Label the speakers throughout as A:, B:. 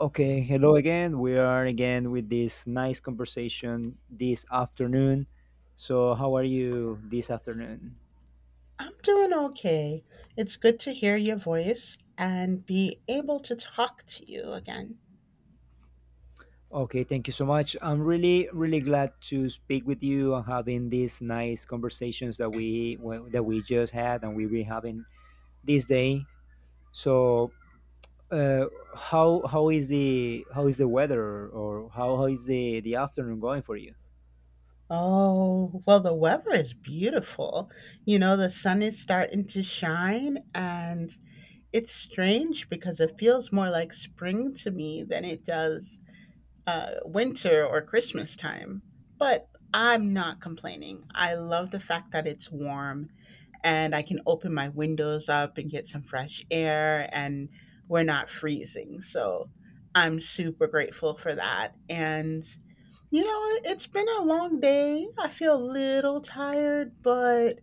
A: Okay, hello again. We are again with this nice conversation this afternoon. So, how are you this afternoon?
B: I'm doing okay. It's good to hear your voice and be able to talk to you again.
A: Okay, thank you so much. I'm really, really glad to speak with you and having these nice conversations that we well, that we just had and we've been having these days. So, uh, how is the weather, or how is the afternoon going for you?
B: Oh, well, the weather is beautiful. You know, the sun is starting to shine, and it's strange because it feels more like spring to me than it does winter or Christmas time. But I'm not complaining. I love the fact that it's warm and I can open my windows up and get some fresh air and we're not freezing. So I'm super grateful for that. And you know, it's been a long day. I feel a little tired, but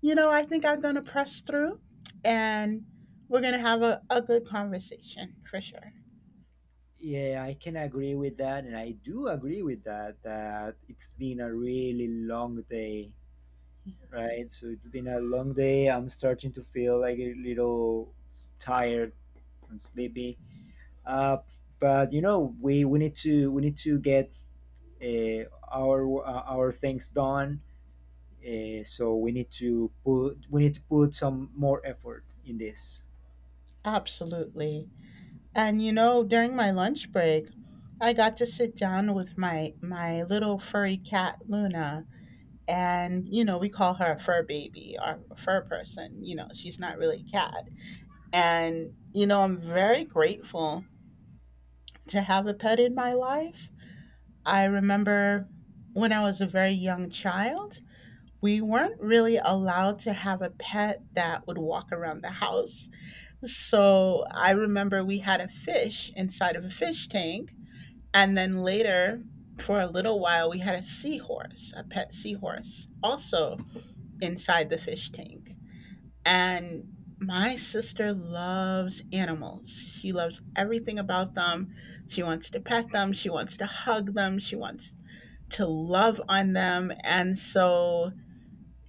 B: you know, I think I'm going to press through and we're going to have a good conversation for sure.
A: Yeah, I can agree with that, and I do agree with that. That it's been a really long day, right? So it's been a long day. I'm starting to feel like a little tired and sleepy. Uh, but you know, we need to get uh, our things done. So we need to put some more effort in this.
B: Absolutely. And you know, during my lunch break, I got to sit down with my little furry cat Luna, and you know, we call her a fur baby or a fur person. You know, she's not really a cat. And you know, I'm very grateful to have a pet in my life. I remember when I was a very young child, we weren't really allowed to have a pet that would walk around the house. So I remember we had a fish inside of a fish tank, and then later, for a little while, we had a seahorse, a pet seahorse also inside the fish tank. And my sister loves animals. She loves everything about them. She wants to pet them. She wants to hug them. She wants to love on them. And so,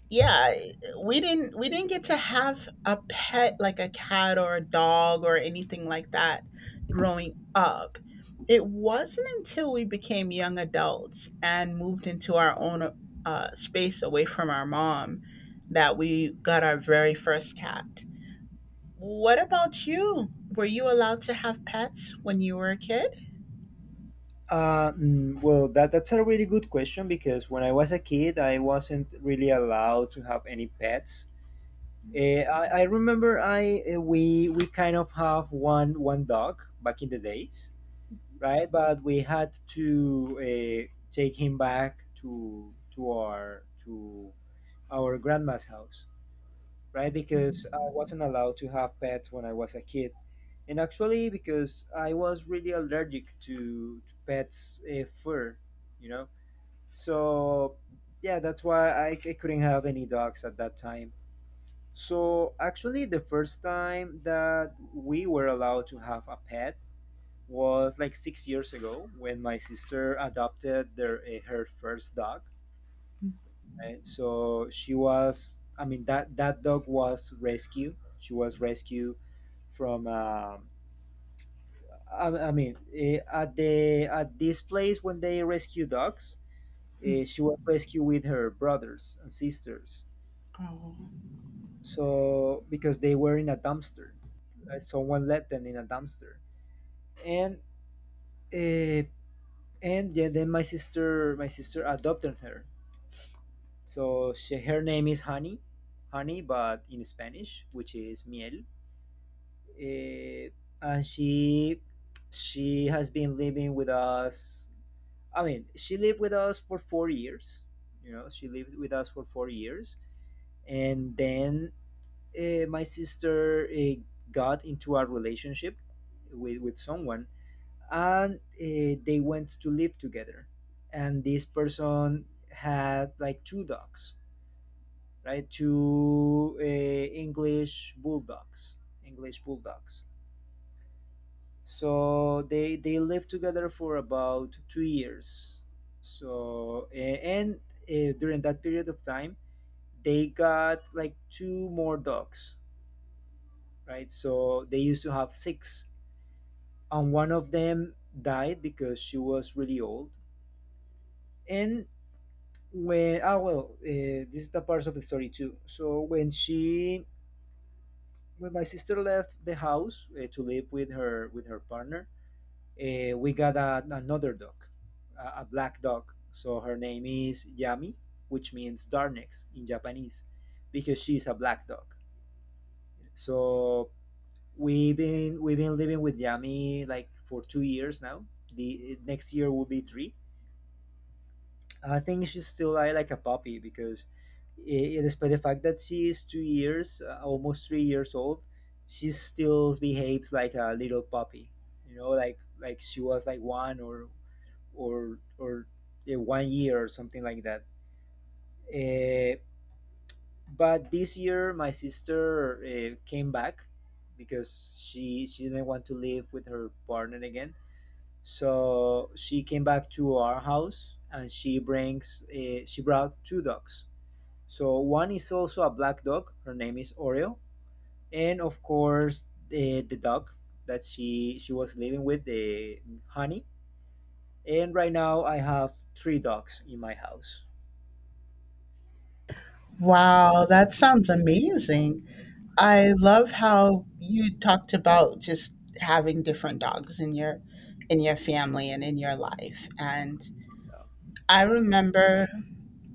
B: yeah, we didn't get to have a pet like a cat or a dog or anything like that growing up. It wasn't until we became young adults and moved into our own space away from our mom that we got our very first cat. What about you? Were you allowed to have pets when you were a kid?
A: Well, that's a really good question, because when I was a kid, I wasn't really allowed to have any pets. I remember, I we kind of have one dog back in the days, right? But we had to take him back to our grandma's house, right? Because I wasn't allowed to have pets when I was a kid. And actually, because I was really allergic to pets' fur, you know? So, yeah, that's why I couldn't have any dogs at that time. So, actually, the first time that we were allowed to have a pet was like 6 years ago, when my sister adopted her first dog, right? I mean, that dog was rescued. She was rescued from, at the at this place when they rescue dogs, she was rescued with her brothers and sisters.
B: Oh,
A: So because they were in a dumpster, someone let them in a dumpster, and uh, and yeah, then my sister adopted her. So, she, her name is Honey, but in Spanish, which is miel, eh, and she has been living with us. I mean, she lived with us for 4 years. You know, she lived with us for 4 years, and then my sister got into a relationship with someone, and they went to live together. And this person had like two dogs, right? Two English bulldogs, English bulldogs so they lived together for about 2 years. So a- and uh, during that period of time, they got like two more dogs, right? So they used to have six, and one of them died because she was really old. And when ah well this is the part of the story, too. So when my sister left the house to live with her partner, we got another dog, a black dog. So her name is Yami, which means darkness in Japanese, because she's a black dog. So we've been living with Yami like for 2 years now. The next year will be three. I think she's still like a puppy because, despite the fact that she is 2 years, almost 3 years old, she still behaves like a little puppy. You know, like she was like one or one year or something like that. Uh, but this year, my sister came back because she didn't want to live with her partner again. So she came back to our house, and she brought two dogs. So one is also a black dog. Her name is Oreo, and of course the dog that she was living with, the Honey. And right now I have three dogs in my house.
B: wow, that sounds amazing. I love how you talked about just having different dogs in your family and in your life. And I remember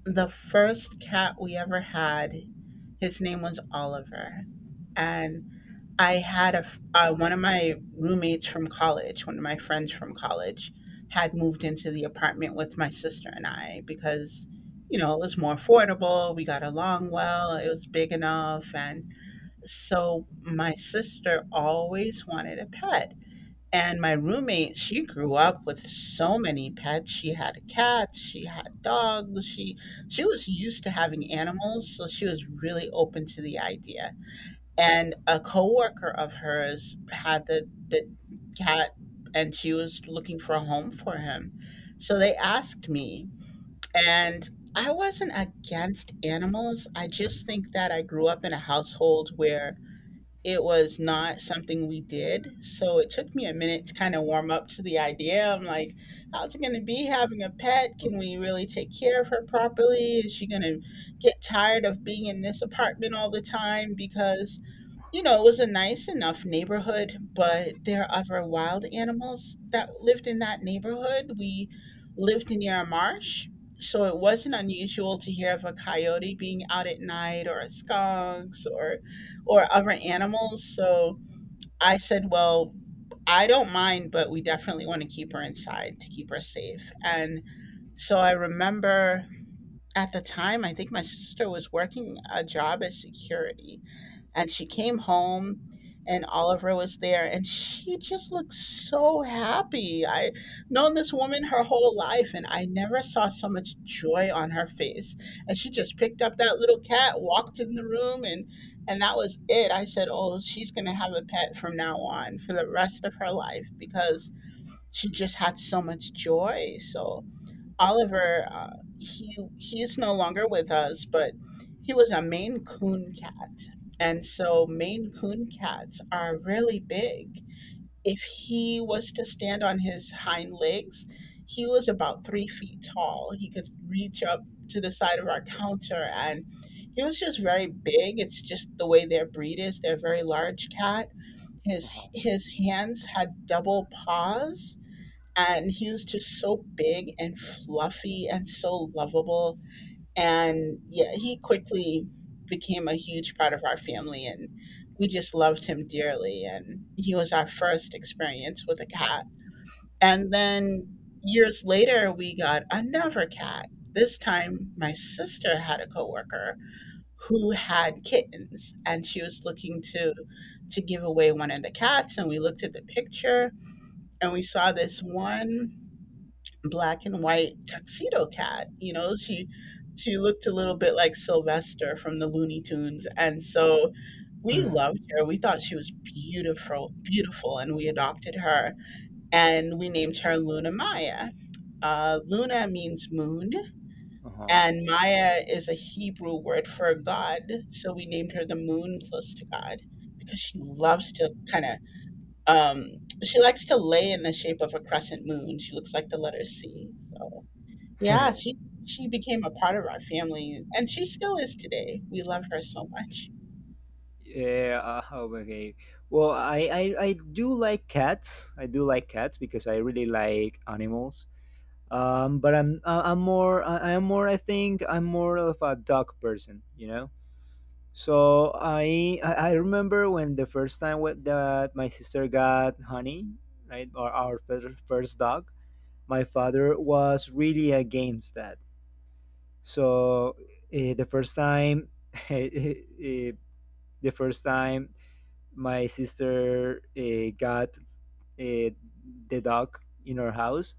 B: the first cat we ever had, his name was Oliver. I had one of my roommates from college, one of my friends from college, had moved into the apartment with my sister and I because you know, it was more affordable. We got along well. It was big enough, and so my sister always wanted a pet. And my roommate, she grew up with so many pets. She had cats, she had dogs. She was used to having animals, so she was really open to the idea. And a coworker of hers had the cat, and she was looking for a home for him. So they asked me, and I wasn't against animals. I just think that I grew up in a household where it was not something we did. So it took me a minute to kind of warm up to the idea. I'm like, how's it going to be having a pet? Can we really take care of her properly? Is she going to get tired of being in this apartment all the time? Because you know, it was a nice enough neighborhood, but there are other wild animals that lived in that neighborhood. We lived near a marsh, so it wasn't unusual to hear of a coyote being out at night, or skunks or other animals. So I said, well, I don't mind, but we definitely want to keep her inside to keep her safe. And so I remember at the time, I think my sister was working a job as security, and she came home, and Oliver was there, and she just looked so happy. I known this woman her whole life and I never saw so much joy on her face. And she just picked up that little cat, walked in the room, and that was it. I said, "Oh, she's going to have a pet from now on for the rest of her life because she just had so much joy." So, Oliver, he is no longer with us, but he was a Maine Coon cat, and so Maine Coon cats are really big. If he was to stand on his hind legs, he was about 3 feet tall. He could reach up to the side of our counter, and he was just very big. It's just the way their breed is. They're a
A: Uh-huh.
B: very large cat. His hands had double paws, and he was just so big and fluffy and so lovable. And yeah, he quickly became a huge part of our family, and we just loved him dearly, and he was our first experience with a cat. And then years later, we got another cat. This time my sister had a coworker who had kittens, and she was looking to give away one of the cats, and we looked at the picture, and we saw this one black and white tuxedo cat. You know, she looked a little bit like Sylvester from the Looney Tunes, and so we loved her. We thought she was beautiful, beautiful, and we adopted her, and we named her Luna Maya. Luna means moon,
A: Uh-huh.
B: and Maya is a Hebrew word for God, so we named her the moon close to God because she loves to kind of um, she likes to lay in the shape of a crescent moon. She looks like the letter C. So yeah, she she became a part of our family, and she still is today. We love her so much.
A: Yeah, okay. Well, I do like cats. I do like cats because I really like animals. But I'm I- I'm more I- I'm more I think I'm more of a dog person, you know. So I remember when the first time with that my sister got Honey, right, or our first dog. My father was really against that. So the first time, eh, the first time my sister got eh, the dog in our house,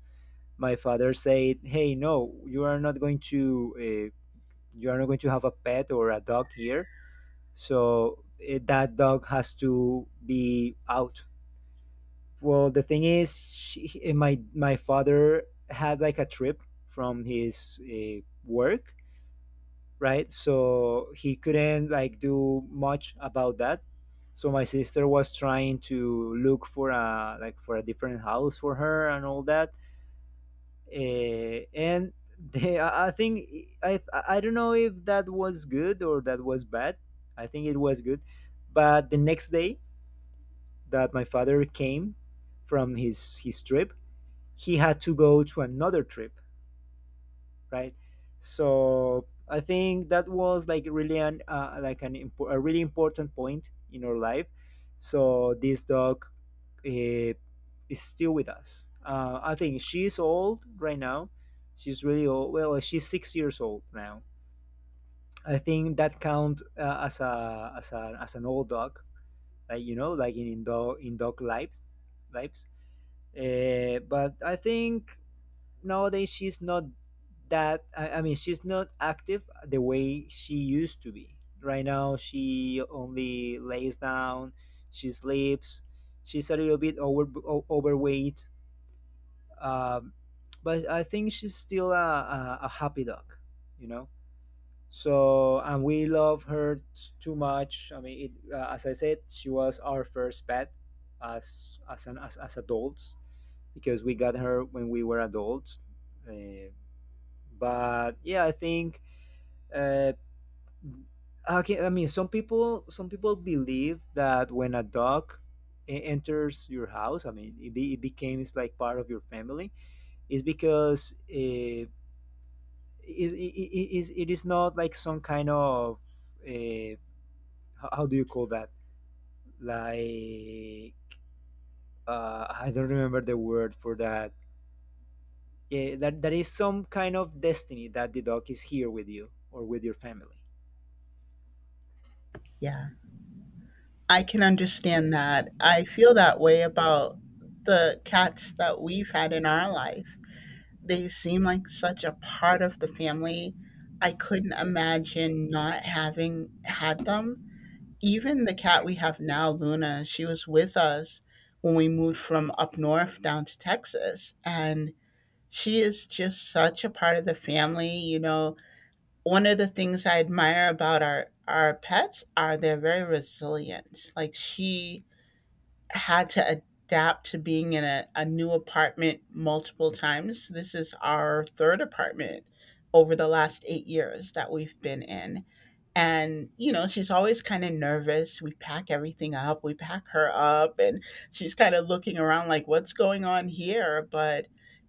A: my father said, "Hey, no, you are not going to have a pet or a dog here. So that dog has to be out." Well, the thing is, she, eh, my father had like a trip from his work, right? So he couldn't like do much about that. So my sister was trying to look for a like for a different house for her and all that. And they, I think I don't know if that was good or that was bad. I think it was good. But the next day that my father came from his trip, he had to go to another trip, right? So I think that was like really an like an impo- a really important point in our life. So this dog uh, is still with us. I think she's old right now. She's really old. Well, she's 6 years old now. I think that count as a as a as an old dog, like, you know, like in dog lives. But I think nowadays she's not that I mean she's not active the way she used to be right now she only lays down she sleeps she's a little bit over o- overweight um, but I think she's still a happy dog you know so and we love her t- too much I mean it, as I said she was our first pet as an as adults because we got her when we were adults Uh, but yeah I think uh okay, I mean, some people believe that when a dog enters your house, I mean, it becomes like part of your family, is because is, it, it is not like some kind of uh, how do you call that, like, I don't remember the word for that. Yeah, that is some kind of destiny that the dog is here with you or with your family.
B: Yeah, I can understand that. I feel that way about the cats that we've had in our life. They seem like such a part of the family. I couldn't imagine not having had them. Even the cat we have now, Luna, she was with us when we moved from up north down to Texas, and she is just such a part of the family. You know, one of the things I admire about our pets are they're very resilient. Like she had to adapt to being in a new apartment multiple times. This is our third apartment over the last 8 years that we've been in. And, you know, she's always kind of nervous. We pack everything up, we pack her up, and she's kind of looking around like, what's going on here? But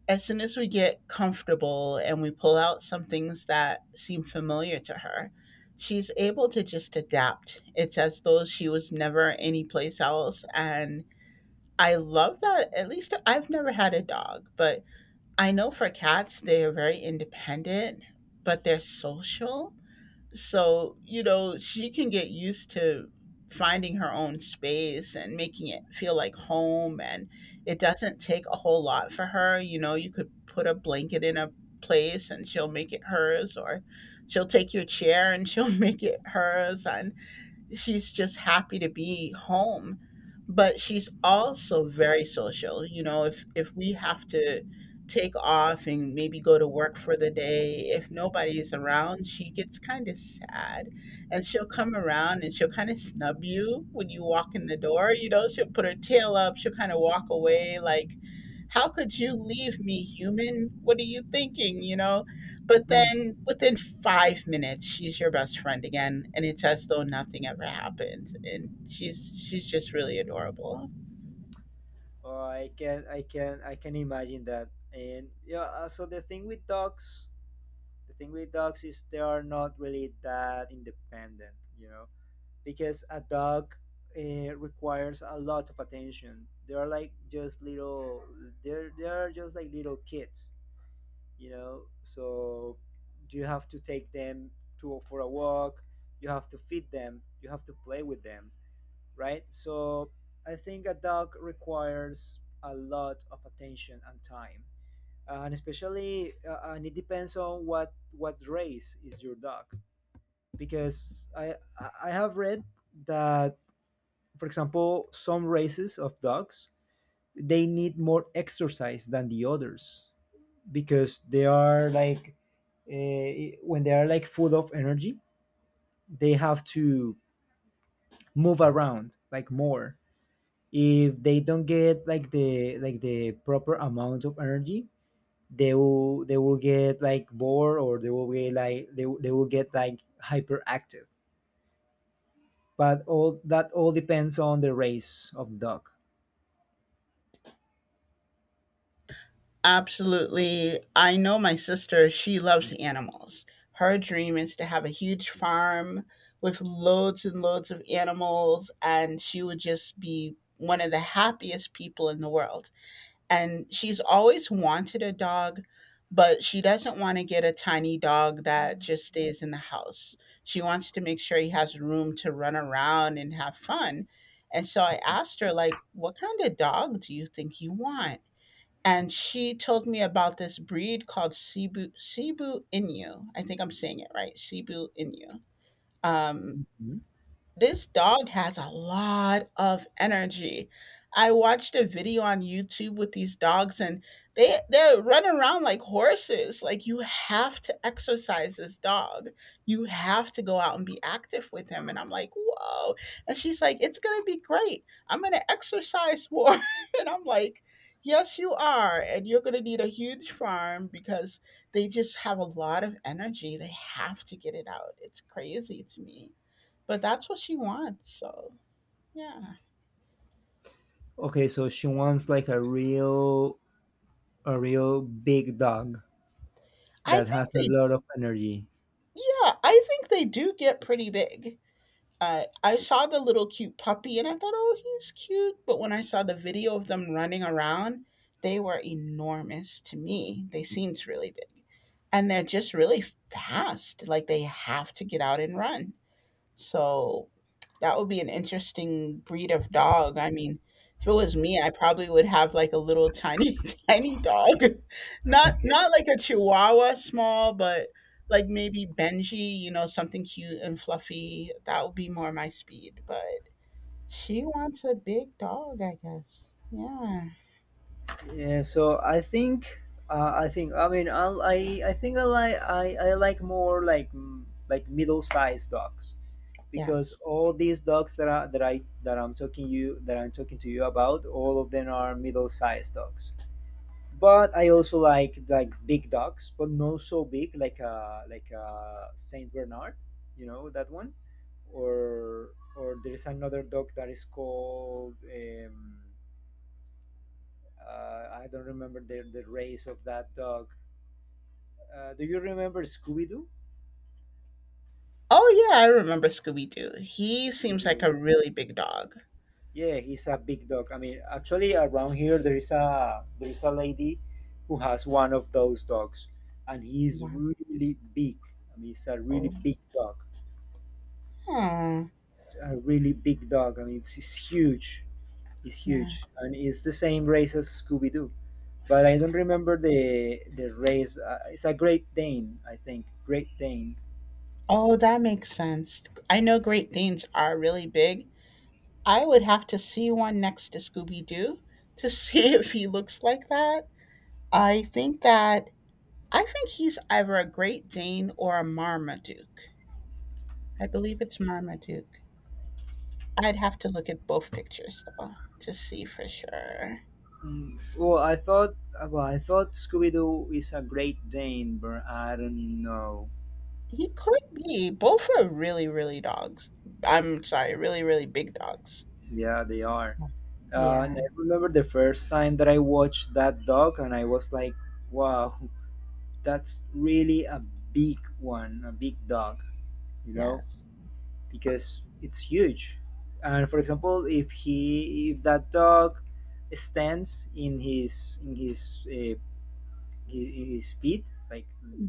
B: as soon as we get comfortable and we pull out some things that seem familiar to her, she's able to just adapt. It's as though she was never anyplace else. And I love that. At least I've never had a dog, but I know for cats, they are very independent, but they're social. So, you know, she can get used to finding her own space and making it feel like home. And it doesn't take a whole lot for her. You know, you could put a blanket in a place and she'll make it hers, or she'll take your chair and she'll make it hers. And she's just happy to be home, but she's also very social. You know, if we have to take off and maybe go to work for the day, if nobody's around, she gets kind of sad, and she'll come around and she'll kind of snub you when you walk in the door. You know, she'll put her tail up, she'll kind of walk away like, how could you leave me, human? What are you thinking? You know, but then within 5 minutes, she's your best friend again, and it's as though nothing ever happened. And she's just really adorable.
A: Oh, I can imagine that. And yeah, so the thing with dogs is they are not really that independent, you know, because a dog requires a lot of attention. They are like just little, they are just like little kids, you know. So you have to take them to for a walk. You have to feed them. You have to play with them, right? So I think a dog requires a lot of attention and time. And especially and it depends on what race is your dog, because I have read that, for example, some races of dogs, they need more exercise than the others, because they are like when they are like full of energy, they have to move around like more. If they don't get like the proper amount of energy, they will get like bored, or they will get like hyperactive. But all that all depends on the race of the dog.
B: Absolutely. I know my sister, she loves animals. Her dream is to have a huge farm with loads and loads of animals, and she would just be one of the happiest people in the world. And she's always wanted a dog, but she doesn't want to get a tiny dog that just stays in the house. She wants to make sure he has room to run around and have fun. And so I asked her, like, what kind of dog do you think you want? And she told me about this breed called Cebu Inu. I think I'm saying it right, Cebu Inu. Um,
A: Mhm.
B: this dog has a lot of energy. I watched a video on YouTube with these dogs, and they run around like horses. Like you have to exercise this dog. You have to go out and be active with him. And I'm like, whoa. And she's like, it's gonna be great. I'm gonna exercise more. And I'm like, yes, you are. And you're gonna need a huge farm because they just have a lot of energy. They have to get it out. It's crazy to me. But that's what she wants, so yeah.
A: Okay, so she wants like a real big dog
B: I
A: that
B: think
A: has a
B: they
A: lot of energy.
B: yeah, I think they do get pretty big. I saw the little cute puppy and I thought, "Oh, he's cute," but when I saw the video of them running around, they were enormous to me. They seemed really big. And they're just really fast, like, they have to get out and run. So that would be an interesting breed of dog. I mean, if it was me, I probably would have like a little tiny, tiny dog. Not like a chihuahua small, but like maybe Benji, you know, something cute and fluffy. That would be more my speed. But she wants a big dog, I guess. Yeah.
A: Yeah, so I mean, I think I like more like middle-sized dogs, because
B: Yes.
A: all these dogs that are that I that I'm talking you that I'm talking to you about, all of them are middle-sized dogs. But I also like big dogs, but not so big, like a Saint Bernard, you know that one, or there is another dog that is called. I don't remember the race of that dog. Do you remember Scooby Doo?
B: Oh yeah, I remember Scooby Doo. He seems like a
A: Scooby-Doo.
B: really big dog.
A: Yeah, he's a big dog. I mean, actually, around here there is a lady who has one of those dogs, and he's
B: Wow.
A: really big. I mean, it's a really
B: Oh.
A: big dog.
B: Yeah.
A: It's a really big dog. I mean, it's huge. It's
B: Yeah.
A: huge, and it's the same race as Scooby Doo, but I don't remember the race. It's a Great Dane, I think. Great Dane.
B: Oh, that makes sense. I know Great Danes are really big. I would have to see one next to Scooby Doo to see if he looks like that. I think that I think he's either a Great Dane or a Marmaduke. I believe it's Marmaduke. I'd have to look at both pictures though to see for sure.
A: Mm, Well, I thought well, I thought Scooby Doo is a Great Dane, but I don't know.
B: He could be. Both are really, really dogs. I'm sorry, really, really big dogs.
A: Yeah, they are. Uh,
B: Yeah,
A: and I remember the first time that I watched that dog, and I was like, "Wow, that's really a big one, a big dog," you know,
B: yes,
A: because it's huge. And for example, if that dog stands in his in his uh, his, his feet, like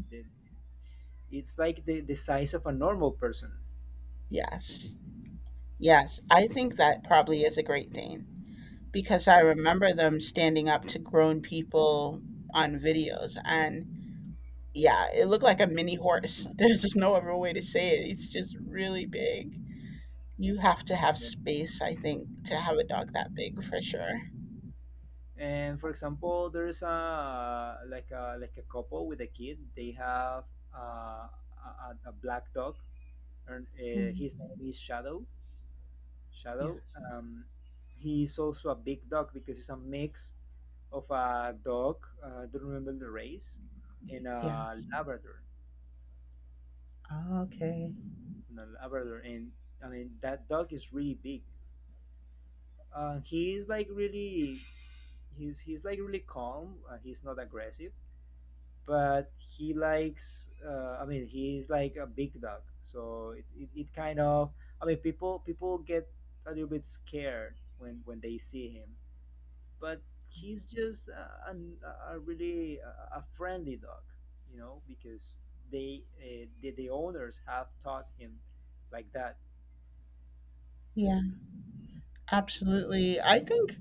A: the, it's like the size of a normal person.
B: yes. Yes, I think that probably is a Great Dane because I remember them standing up to grown people on videos and yeah, it looked like a mini horse. There's no other way to say it. It's just really big. You have to have space, I think, to have a dog that big for sure.
A: And for example, there's a like a like a couple with a kid. They have uh, a black dog, and
B: Mhm.
A: his name is Shadow. Shadow.
B: Yes.
A: Um, he's also a big dog because it's a mix of a dog. I don't remember the race, and a
B: Yes.
A: Labrador.
B: Okay.
A: And a Labrador, and I mean that dog is really big. Uh, he is like really he's he's like really calm. He's not aggressive, but he likes. I mean, he's like a big dog, so it kind of. I mean, people get a little bit scared when they see him, but he's just a friendly dog, you know, because the owners have taught him like that.
B: Yeah, absolutely. I think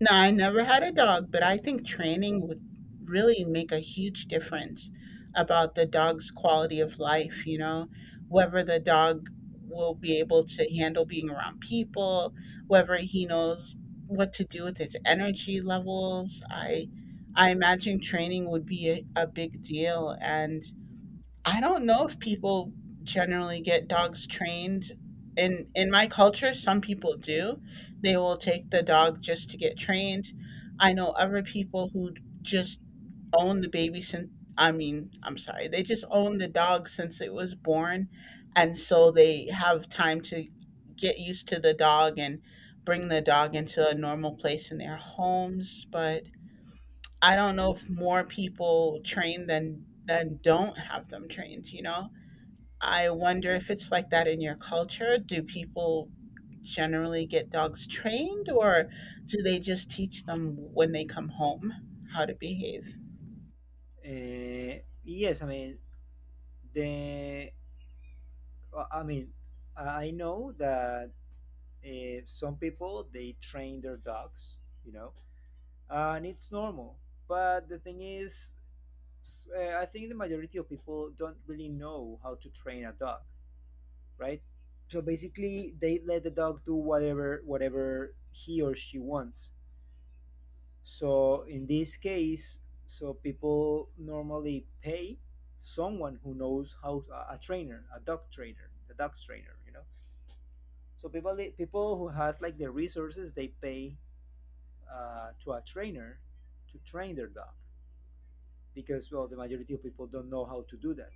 B: No, I never had a dog, but I think training would really make a huge difference about the dog's quality of life, you know, whether the dog will be able to handle being around people, whether he knows what to do with his energy levels. I imagine training would be a big deal and I don't know if people generally get dogs trained. In my culture, some people do. They will take the dog just to get trained. I know other people who just own the baby since I mean, I'm sorry. They just own the dog since it was born and so they have time to get used to the dog and bring the dog into a normal place in their homes, but I don't know if more people train than don't have them trained, you know? I wonder if it's like that in your culture. Do people generally get dogs trained, or do they just teach them when they come home how to behave?
A: Yes, I mean the. I mean, I know that some people they train their dogs, you know, and it's normal, but the thing is I think the majority of people don't really know how to train a dog, right? So basically they let the dog do whatever he or she wants. So in this case, so people normally pay someone who knows how, a trainer, a dog trainer, you know. So people who has like the resources, they pay to a trainer to train their dog, because well the majority of people don't know how to do that.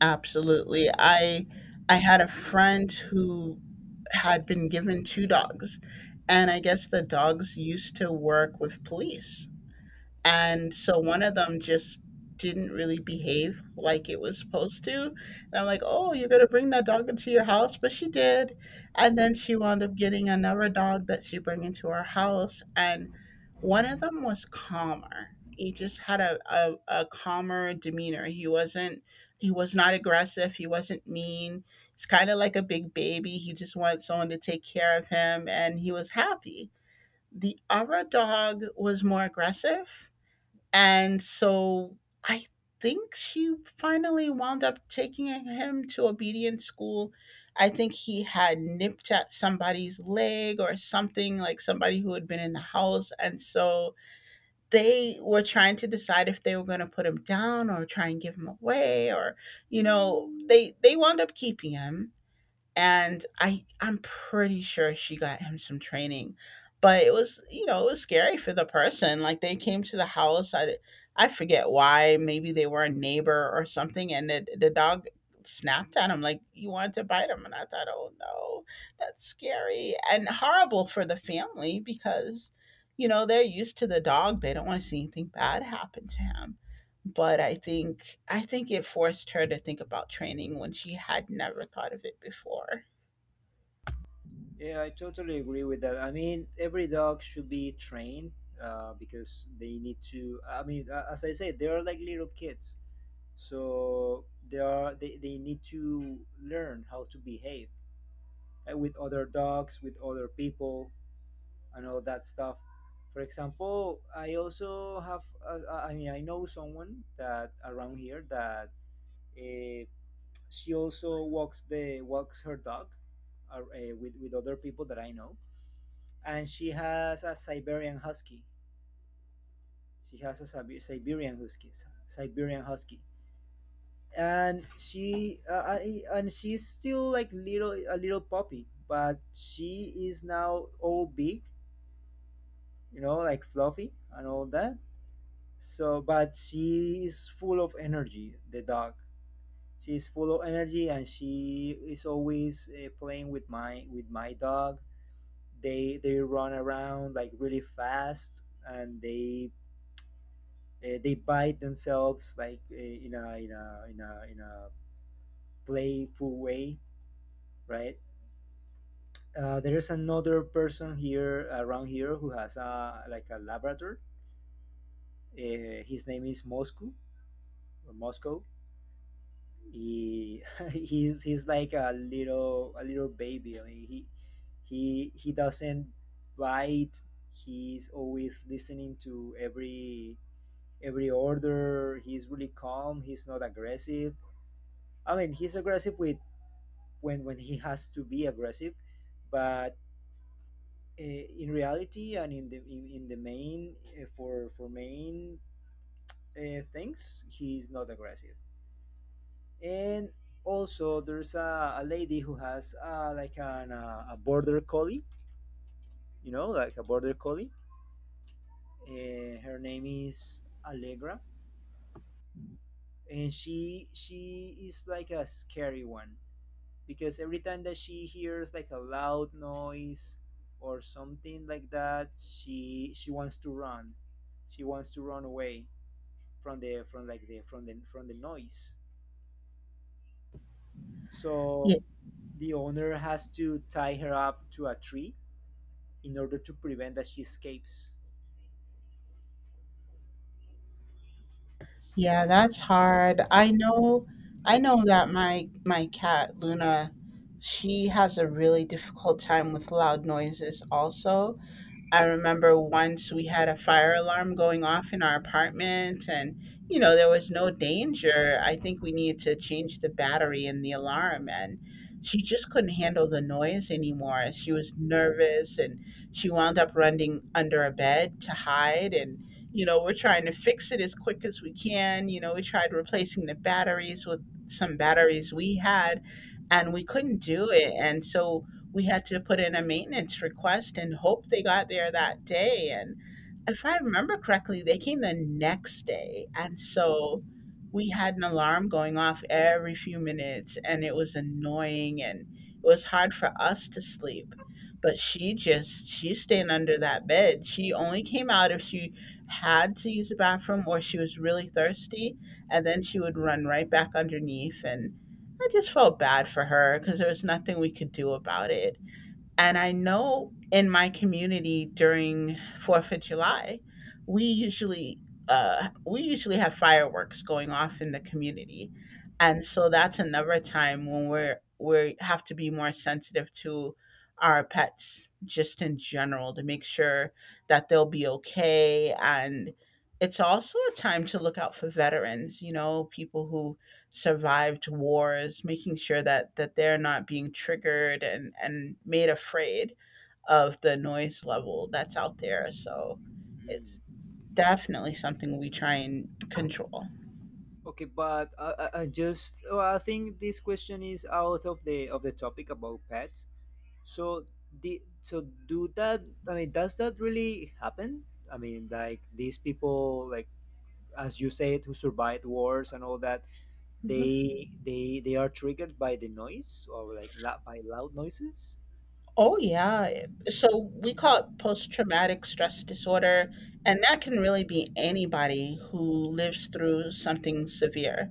B: Absolutely. I had a friend who had been given two dogs, and I guess the dogs used to work with police. And so one of them just didn't really behave like it was supposed to. And I'm like, oh, you're going to bring that dog into your house? But she did. And then she wound up getting another dog that she bring into our house. And one of them was calmer. He just had a calmer demeanor. He wasn't, he was not aggressive. He wasn't mean. He's kind of like a big baby. He just wanted someone to take care of him and he was happy. The other dog was more aggressive and so I think she finally wound up taking him to obedience school. I think he had nipped at somebody's leg or something, like somebody who had been in the house. And so they were trying to decide if they were going to put him down or try and give him away or you know they wound up keeping him and I'm pretty sure she got him some training, but it was you know it was scary for the person. Like they came to the house, I forget why. Maybe they were a neighbor or something, and the dog snapped at him like he wanted to bite him, and I thought, oh no, that's scary and horrible for the family because you know they're used to the dog. They don't want to see anything bad happen to him. But I think it forced her to think about training when she had never thought of it before.
A: Yeah, I totally agree with that. I mean every dog should be trained because they need to. I mean, as I said, they are like little kids, so they need to learn how to behave with other dogs, with other people, and all that stuff. For example, I also have I mean I know someone that around here that uh, she also walks the walks her dog with other people that I know, and she has a Siberian husky. She has a Siberian husky, Siberian husky, and she's still like little a little puppy, but she is now all big, you know, like fluffy and all that. So, but she is full of energy. The dog She's full of energy, and she is always playing with my dog. They run around like really fast, and they bite themselves like in a playful way, right? There is another person here around here who has a like a Labrador. His name is Moscow or Moscow. He He's like a little baby. I mean, he doesn't bite. He's always listening to every order. He's really calm. He's not aggressive. I mean, he's aggressive with, when he has to be aggressive, but uh, in reality, and in the main, for main things, he's not aggressive. And also, there's a lady who has like a border collie. You know, like a border collie. Her name is Allegra, and she is like a scary one, because every time that she hears like a loud noise or something like that, she wants to run, she wants to run away from the from like the from the from the noise.
B: Yeah,
A: So the owner has to tie her up to a tree in order to prevent that she escapes.
B: yeah, that's hard. I know that my cat Luna, she has a really difficult time with loud noises also. I remember once we had a fire alarm going off in our apartment, and you know, there was no danger. I think we needed to change the battery in the alarm, and she just couldn't handle the noise anymore. She was nervous and she wound up running under a bed to hide. And you know, we're trying to fix it as quick as we can. You know, we tried replacing the batteries with some batteries we had, and we couldn't do it. And so, we had to put in a maintenance request and hope they got there that day. And if I remember correctly, they came the next day. And so we had an alarm going off every few minutes, and it was annoying and it was hard for us to sleep. But she just, she's staying under that bed. She only came out if she had to use the bathroom or she was really thirsty. And then she would run right back underneath and I just felt bad for her because there was nothing we could do about it. And I know in my community during 4th of July, we usually we usually have fireworks going off in the community, and so that's another time when we have to be more sensitive to our pets just in general to make sure that they'll be okay and it's also a time to look out for veterans you know people who survived wars, making sure that that they're not being triggered and made afraid of the noise level that's out there. So
A: Mm.
B: it's definitely something we try and control.
A: Okay, but I just, oh, I think this question is out of the topic about pets. So the so do that I mean, does that really happen? I mean, like these people, like, as you said, who survived wars and all that, they are triggered by the noise, or by loud noises.
B: Oh, yeah. So we call it post traumatic stress disorder, and that can really be anybody who lives through something severe.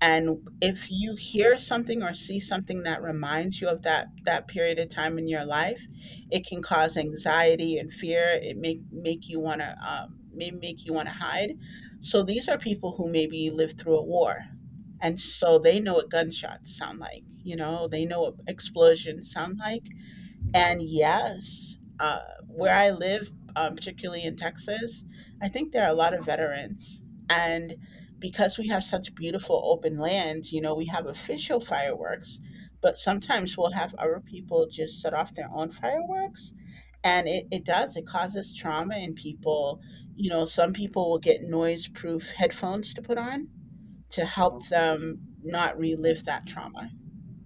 B: And if you hear something or see something that reminds you of that period of time in your life, it can cause anxiety and fear. It make make you want to may make you want to hide. So these are people who maybe lived through a war, and so they know what gunshots sound like. You know, they know what explosions sound like and yes, where I live, particularly in Texas, I think there are a lot of veterans. And because we have such beautiful open land, you know, we have official fireworks, but sometimes we'll have other people just set off their own fireworks. And it does, it causes trauma in people. You know, some people will get noise proof headphones to put on to help
A: Oh,
B: them
A: man.
B: not relive that trauma.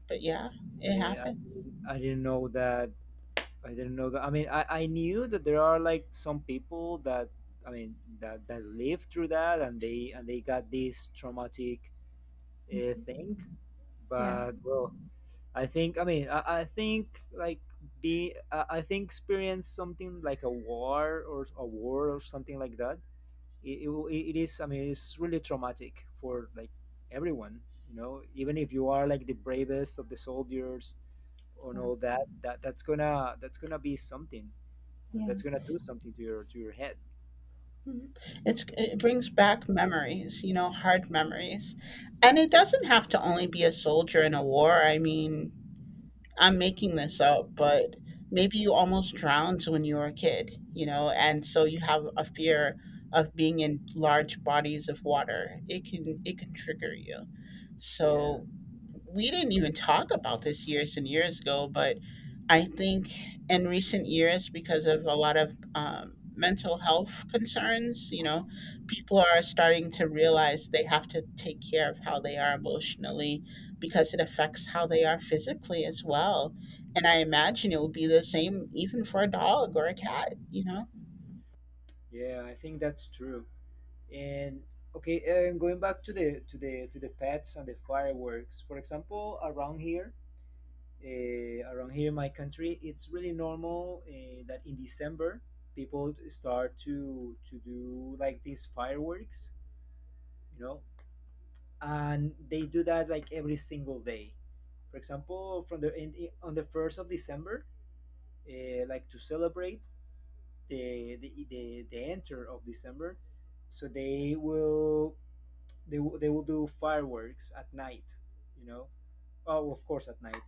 B: But yeah, it
A: Yeah,
B: happens.
A: I didn't know that. I didn't know that. I mean, I knew that there are like some people that, I mean, that lived through that and they got this traumatic thing,
B: Yeah.
A: but well I think I mean I, I think like I think experience something like a war, or something like that. It will- it is I mean it's really traumatic for like everyone. You know, even if you are like the bravest of the soldiers and all that, that's gonna be something. And
B: yeah.
A: that's gonna do something to your head.
B: Mhm. It's it brings back memories, you know, hard memories. And it doesn't have to only be a soldier in a war. I mean, I'm making this up, but maybe you almost drowned when you were a kid, you know, and so you have a fear of being in large bodies of water. It can trigger you.
A: Yeah,
B: So we didn't even talk about this years and years ago, but I think in recent years, because of a lot of mental health concerns, you know, people are starting to realize they have to take care of how they are emotionally because it affects how they are physically as well. And I imagine it will be the same even for a dog or a cat, you know?
A: yeah, I think that's true. And okay, and going back to the pets and the fireworks. For example, around here in my country, it's really normal that in December people start to do like these fireworks, you know, and they do that like every single day. For example, from the in- on the first of December, like to celebrate the enter of December, so they will do fireworks at night, you know. Oh, of course, at night.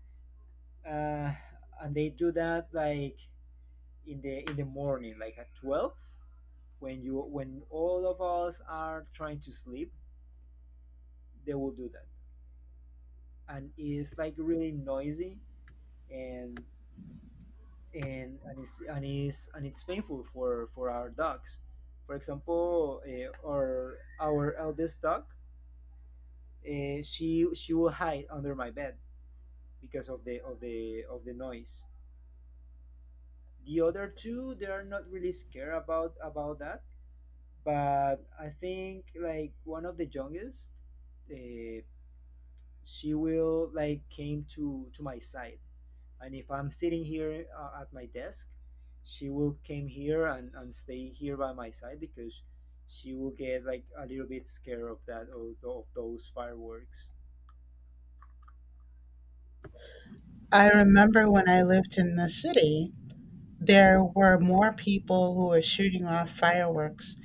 A: Uh, and they do that like in the morning, like at 12, when all of us are trying to sleep, they will do that, and it's like really noisy, and and it's painful for our dogs. For example, our eldest dog, she will hide under my bed because of the noise. The other two, they are not really scared about that. But I think like one of the youngest, uh, she will like came to my side, and if I'm sitting here at my desk, she will came here, and stay here by my side, because she will get like a little bit scared of that, of those fireworks.
B: I remember when I lived in the city, there were more people who were shooting off fireworks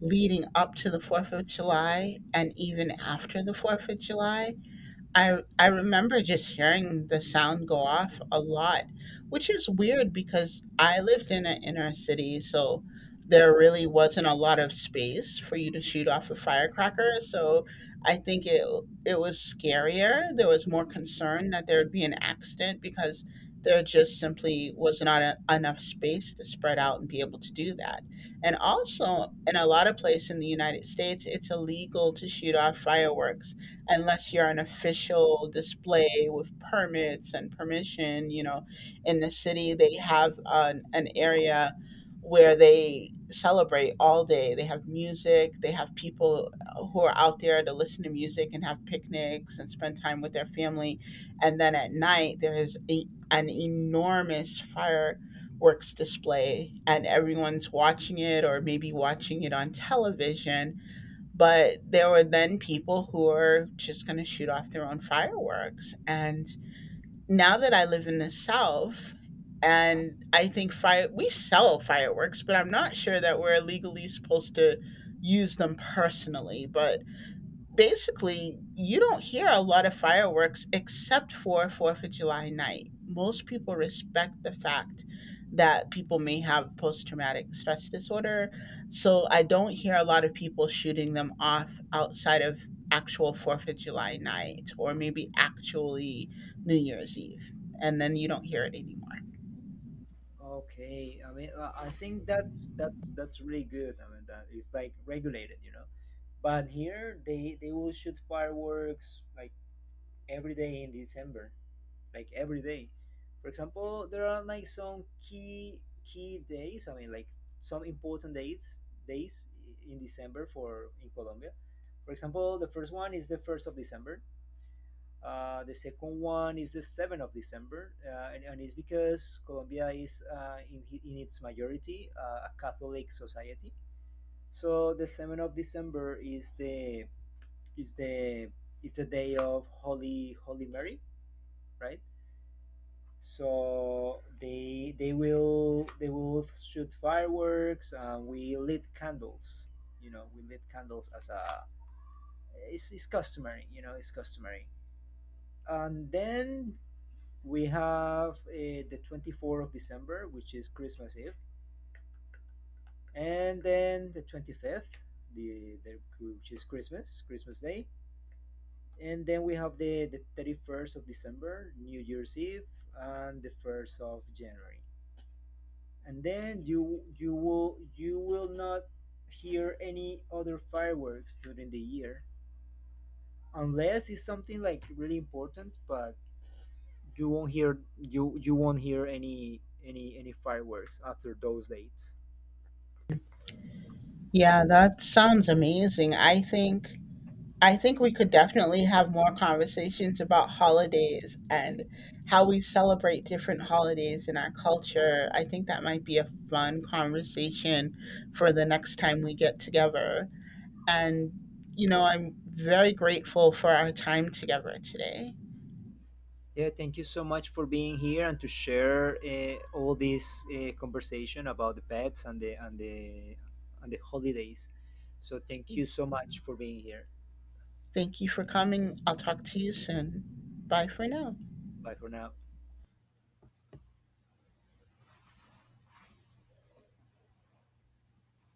B: leading up to the 4th of July and even after the 4th of July I remember just hearing the sound go off a lot, which is weird because I lived in an inner city, so there really wasn't a lot of space for you to shoot off a firecracker. So I think it it was scarier. There was more concern that there would be an accident because there just simply was not enough space to spread out and be able to do that. And also, in a lot of places in the United States, it's illegal to shoot off fireworks unless you're an official display with permits and permission. You know, in the city, they have an area where they celebrate all day. They have music, they have people who are out there to listen to music and have picnics and spend time with their family. And then at night, there is an enormous fireworks display, and everyone's watching it or maybe watching it on television but there were then people who were just going to shoot off their own fireworks. And now that I live in the South,
A: Uh-huh.
B: and I think fire we sell fireworks, but I'm not sure that we're legally supposed to use them personally. But
A: Uh-huh.
B: basically you don't hear a lot of fireworks except for 4th of July night. Most people respect the fact that people may have post-traumatic stress disorder, so I don't hear a lot of people shooting them off outside of actual 4th of July night, or maybe actually new year's eve, and then you don't hear it anymore.
A: Okay, I mean, I think that's really good. I mean that it's like regulated, you know. But here they will shoot fireworks like every day in December, like every day. For example, there are like some key days. I mean, like some important dates, days in December for in Colombia. For example, the first one is the first of December. The second one is the seventh of December, and it's because Colombia is in its majority a Catholic society. So the seventh of December is is the the day of Holy Mary, right? So they will shoot fireworks, and we lit candles, you know, we lit candles as a, it's customary, you know, it's customary. And then we have the 24th of December, which is Christmas Eve, and then the 25th, the which is Christmas Day, and then we have the 31st of December, New Year's Eve, and the 1st of January, and then you will not hear any other fireworks during the year, unless it's something like really important, but you won't hear any fireworks after those dates.
B: Yeah, that sounds amazing. I think we could definitely have more conversations about holidays and how we celebrate different holidays in our culture. I think that might be a fun conversation for the next time we get together. And, you know, I'm very grateful for our time together today.
A: Yeah, thank you so much for being here, and to share all this conversation about the pets, and the holidays. So thank you so much for being here.
B: Thank you for coming. I'll talk to you soon. Bye for
A: Yes,
B: now.
A: bye for now.